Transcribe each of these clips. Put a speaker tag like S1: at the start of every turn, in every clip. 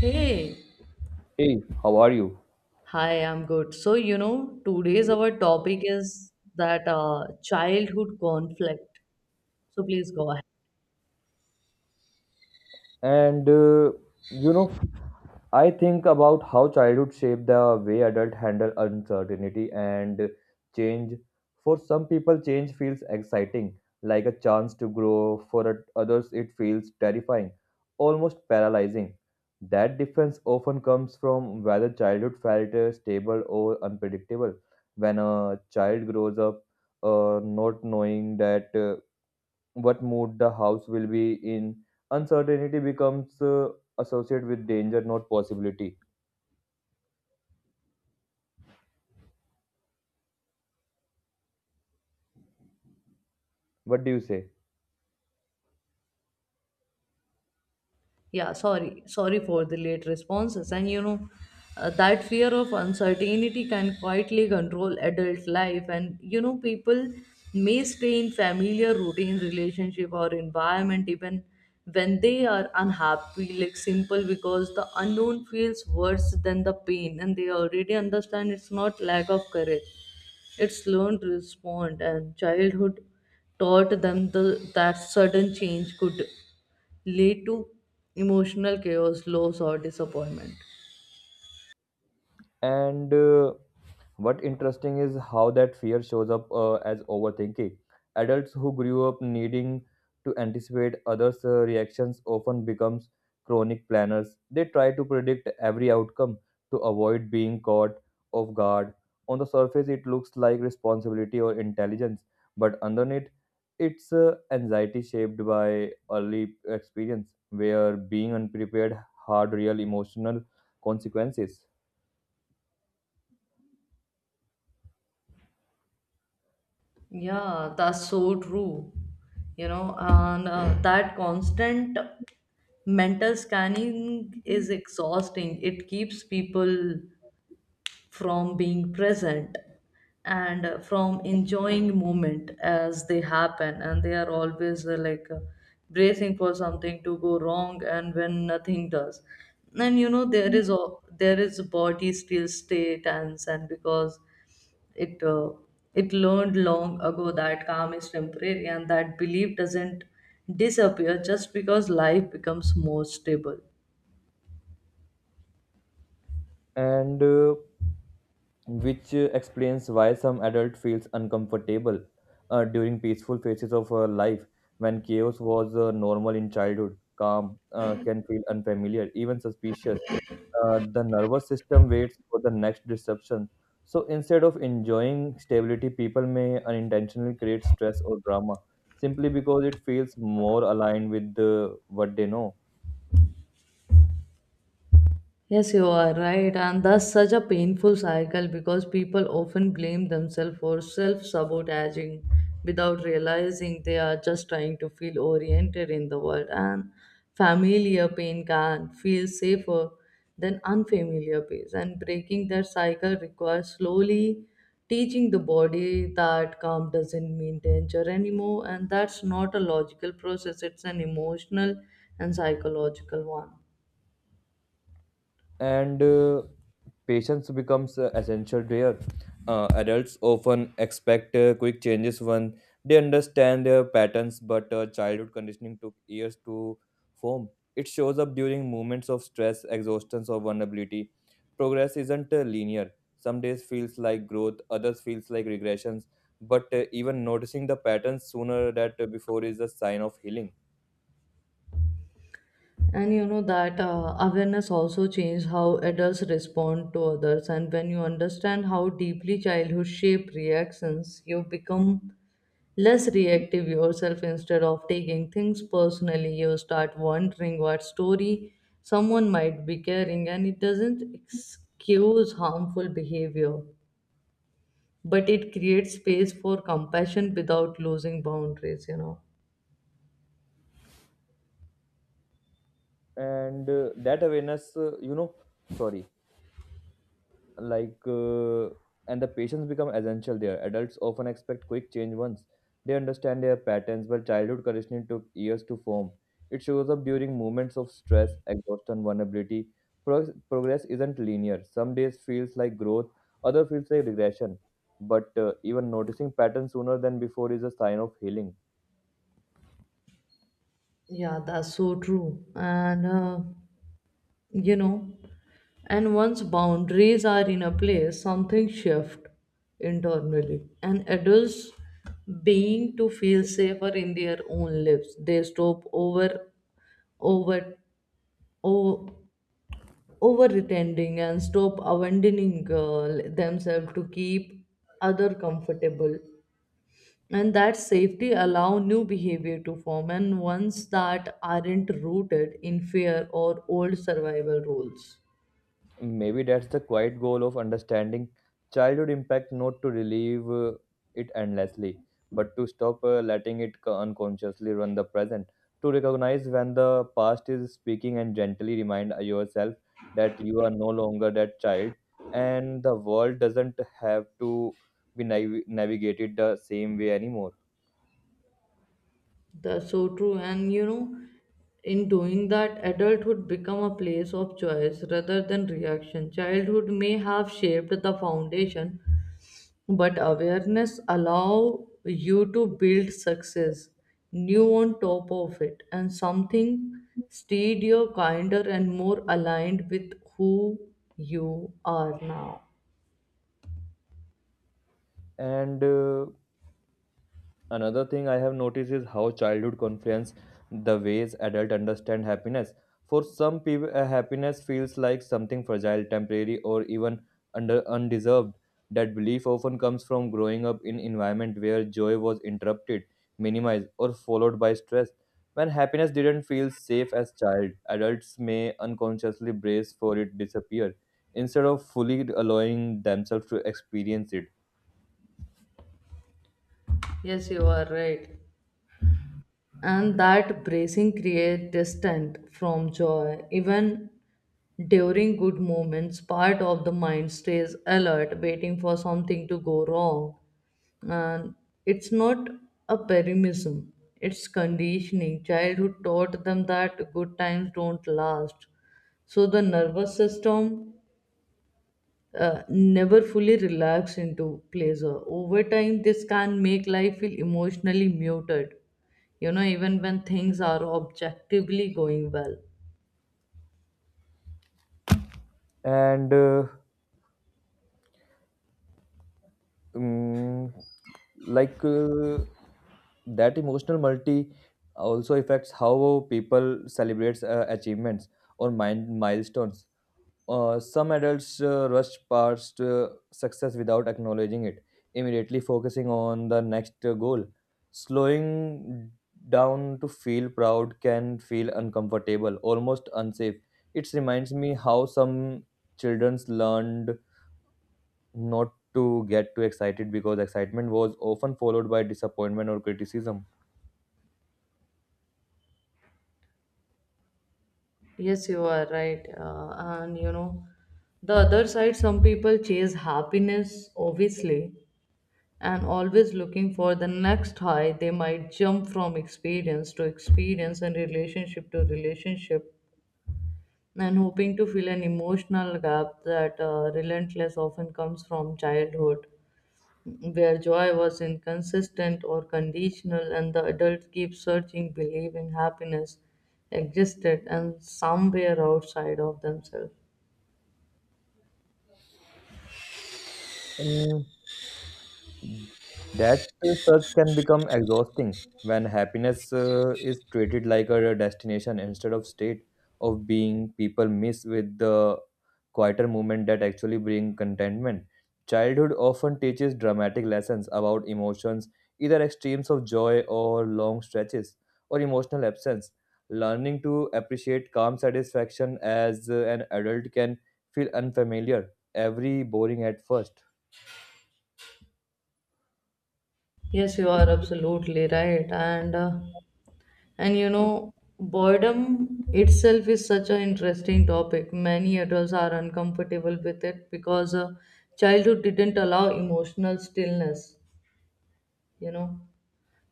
S1: Hey,
S2: Hey, how are you?
S1: hi, I'm good. So, you know, today's our topic is that childhood conflict. So, please go ahead.
S2: And uh, you know, I think about how childhood shaped the way adults handle uncertainty and change. For some people, change feels exciting, like a chance to grow. For others, it feels terrifying, almost paralyzing. That difference often comes from whether childhood felt stable or unpredictable. When a child grows up, not knowing that. What mood the house will be in. Uncertainty becomes associated with danger, not possibility. What do you say?
S1: Yeah, sorry for the late responses. And you know, that fear of uncertainty can quietly control adult life, and you know, people may stay in familiar routine, relationship or environment even when they are unhappy, like simple because the unknown feels worse than the pain and they already understand. It's not lack of courage, it's learned to respond, and childhood taught them that sudden change could lead to emotional chaos, loss, or disappointment.
S2: And What interesting is how that fear shows up as overthinking. Adults who grew up needing to anticipate others' reactions often becomes chronic planners. They try to predict every outcome to avoid being caught off guard. On the surface, it looks like responsibility or intelligence, but underneath, it's anxiety shaped by early experience, where being unprepared hard real emotional consequences.
S1: Yeah, that's so true. You know, and that constant mental scanning is exhausting. It keeps people from being present and from enjoying moment as they happen, and they are always bracing for something to go wrong, and when nothing does, and you know, there is body still stay tense, and because it uh, it learned long ago that calm is temporary, and that belief doesn't disappear just because life becomes more stable.
S2: And Which explains why some adult feels uncomfortable during peaceful phases of life. When chaos was normal in childhood, calm can feel unfamiliar, even suspicious. The nervous system waits for the next disruption, so instead of enjoying stability, people may unintentionally create stress or drama simply because it feels more aligned with what they know.
S1: Yes, you are right, and that's such a painful cycle because people often blame themselves for self sabotaging without realizing they are just trying to feel oriented in the world. And familiar pain can feel safer than unfamiliar pain, and breaking that cycle requires slowly teaching the body that calm doesn't mean danger anymore, and that's not a logical process, it's an emotional and psychological one.
S2: And Patience becomes essential there. Adults often expect quick changes when they understand their patterns, but childhood conditioning took years to form. It shows up during moments of stress, exhaustion, or vulnerability. Progress isn't linear. Some days feels like growth, others feels like regressions. But even noticing the patterns sooner than before is a sign of healing.
S1: And you know that awareness also changed how adults respond to others. And when you understand how deeply childhood shape reactions, you become less reactive yourself. Instead of taking things personally, you start wondering what story someone might be carrying, and it doesn't excuse harmful behavior, but it creates space for compassion without losing boundaries, you know.
S2: And that awareness, you know, sorry like and the patients become essential there. Adults often expect quick change once they understand their patterns, but childhood conditioning took years to form. It shows up during moments of stress, exhaustion, vulnerability. Progress isn't linear. Some days feels like growth, other feels like regression, but even noticing patterns sooner than before is a sign of healing.
S1: Yeah, that's so true. And you know, and once boundaries are in a place, something shift internally, and adults being to feel safer in their own lives. They stop over over over pretending and stop abandoning themselves to keep other comfortable, and that safety allow new behavior to form, and ones that aren't rooted in fear or old survival rules.
S2: Maybe that's the quiet goal of understanding childhood impact, not to relieve it endlessly, but to stop letting it unconsciously run the present. To recognize when the past is speaking and gently remind yourself that you are no longer that child, and the world doesn't have to be navigated the same way anymore.
S1: That's so true. And you know, in doing that, adulthood become a place of choice rather than reaction. Childhood may have shaped the foundation, but awareness allow you to build success new on top of it, and something steadier, kinder and more aligned with who you are now.
S2: And Another thing I have noticed is how childhood confluence the ways adults understand happiness. For some people, happiness feels like something fragile, temporary, or even under undeserved. That belief often comes from growing up in environment where joy was interrupted, minimized, or followed by stress. When happiness didn't feel safe as child, adults may unconsciously brace for it disappear instead of fully allowing themselves to experience it.
S1: Yes, you are right. And that bracing create distance from joy. Even during good moments, part of the mind stays alert, waiting for something to go wrong. And it's not a pessimism, it's conditioning. Childhood taught them that good times don't last. So the nervous system never fully relax into pleasure. Over time, this can make life feel emotionally muted, you know, even when things are objectively going well.
S2: And Mm, like That emotional multi also affects how people celebrates achievements or mind milestones. Some adults rush past success without acknowledging it, immediately focusing on the next goal. Slowing down to feel proud can feel uncomfortable, almost unsafe. It reminds me how some children learned not to get too excited because excitement was often followed by disappointment or criticism.
S1: Yes, you are right. And you know, the other side, some people chase happiness, obviously, and always looking for the next high. They might jump from experience to experience and relationship to relationship, and hoping to fill an emotional gap that relentless often comes from childhood, where joy was inconsistent or conditional, and the adult keeps searching, believing happiness existed and somewhere outside of themselves.
S2: Mm, That search can become exhausting when happiness is treated like a destination instead of state of being. People miss with the quieter moment that actually bring contentment. Childhood often teaches dramatic lessons about emotions, either extremes of joy or long stretches or emotional absence. Learning to appreciate calm satisfaction as an adult can feel unfamiliar, every boring at first.
S1: Yes, you are absolutely right, and you know, boredom itself is such an interesting topic. Many adults are uncomfortable with it because childhood didn't allow emotional stillness, you know,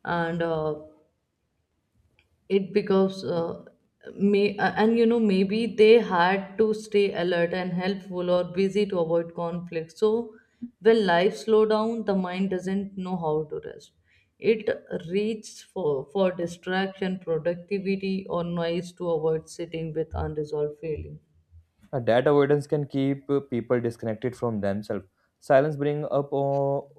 S1: and it becomes may and you know, maybe they had to stay alert and helpful or busy to avoid conflict. So when life slow down, the mind doesn't know how to rest. It reaches for distraction, productivity or noise to avoid sitting with unresolved feeling.
S2: That avoidance can keep people disconnected from themselves. Silence brings up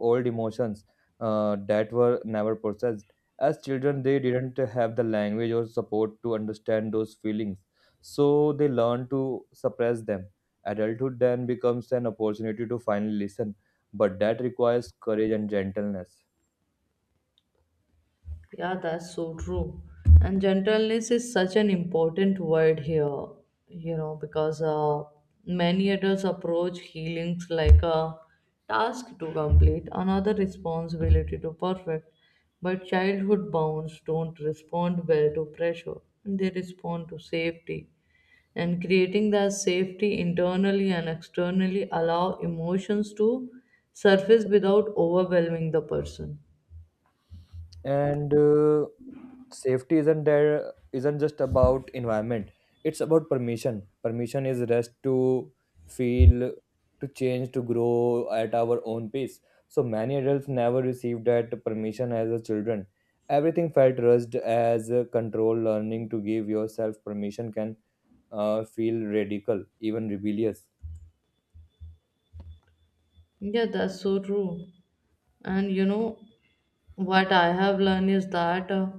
S2: old emotions that were never processed. As children, they didn't have the language or support to understand those feelings, so they learn to suppress them. Adulthood then becomes an opportunity to finally listen, but that requires courage and gentleness.
S1: Yeah, that's so true. And gentleness is such an important word here, you know, because many adults approach healings like a task to complete, another responsibility to perfect. But childhood bounds don't respond well to pressure, they respond to safety. And creating that safety internally and externally allow emotions to surface without overwhelming the person.
S2: And safety isn't there isn't just about environment, it's about permission. Permission is rest to feel, to change, to grow at our own pace. So many adults never received that permission as a children. Everything felt rushed as a control. Learning to give yourself permission can feel radical, even rebellious.
S1: Yeah, that's so true. And you know, what I have learned is that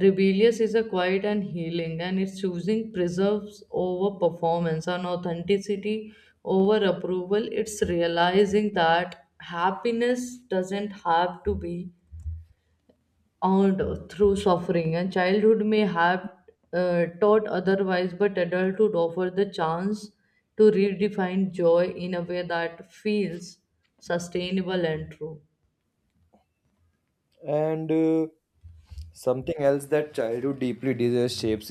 S1: rebellious is a quiet and healing, and it's choosing preserves over performance and authenticity over approval. It's realizing that happiness doesn't have to be earned through suffering, and childhood may have taught otherwise, but adulthood offers the chance to redefine joy in a way that feels sustainable and true.
S2: And Something else that childhood deeply shapes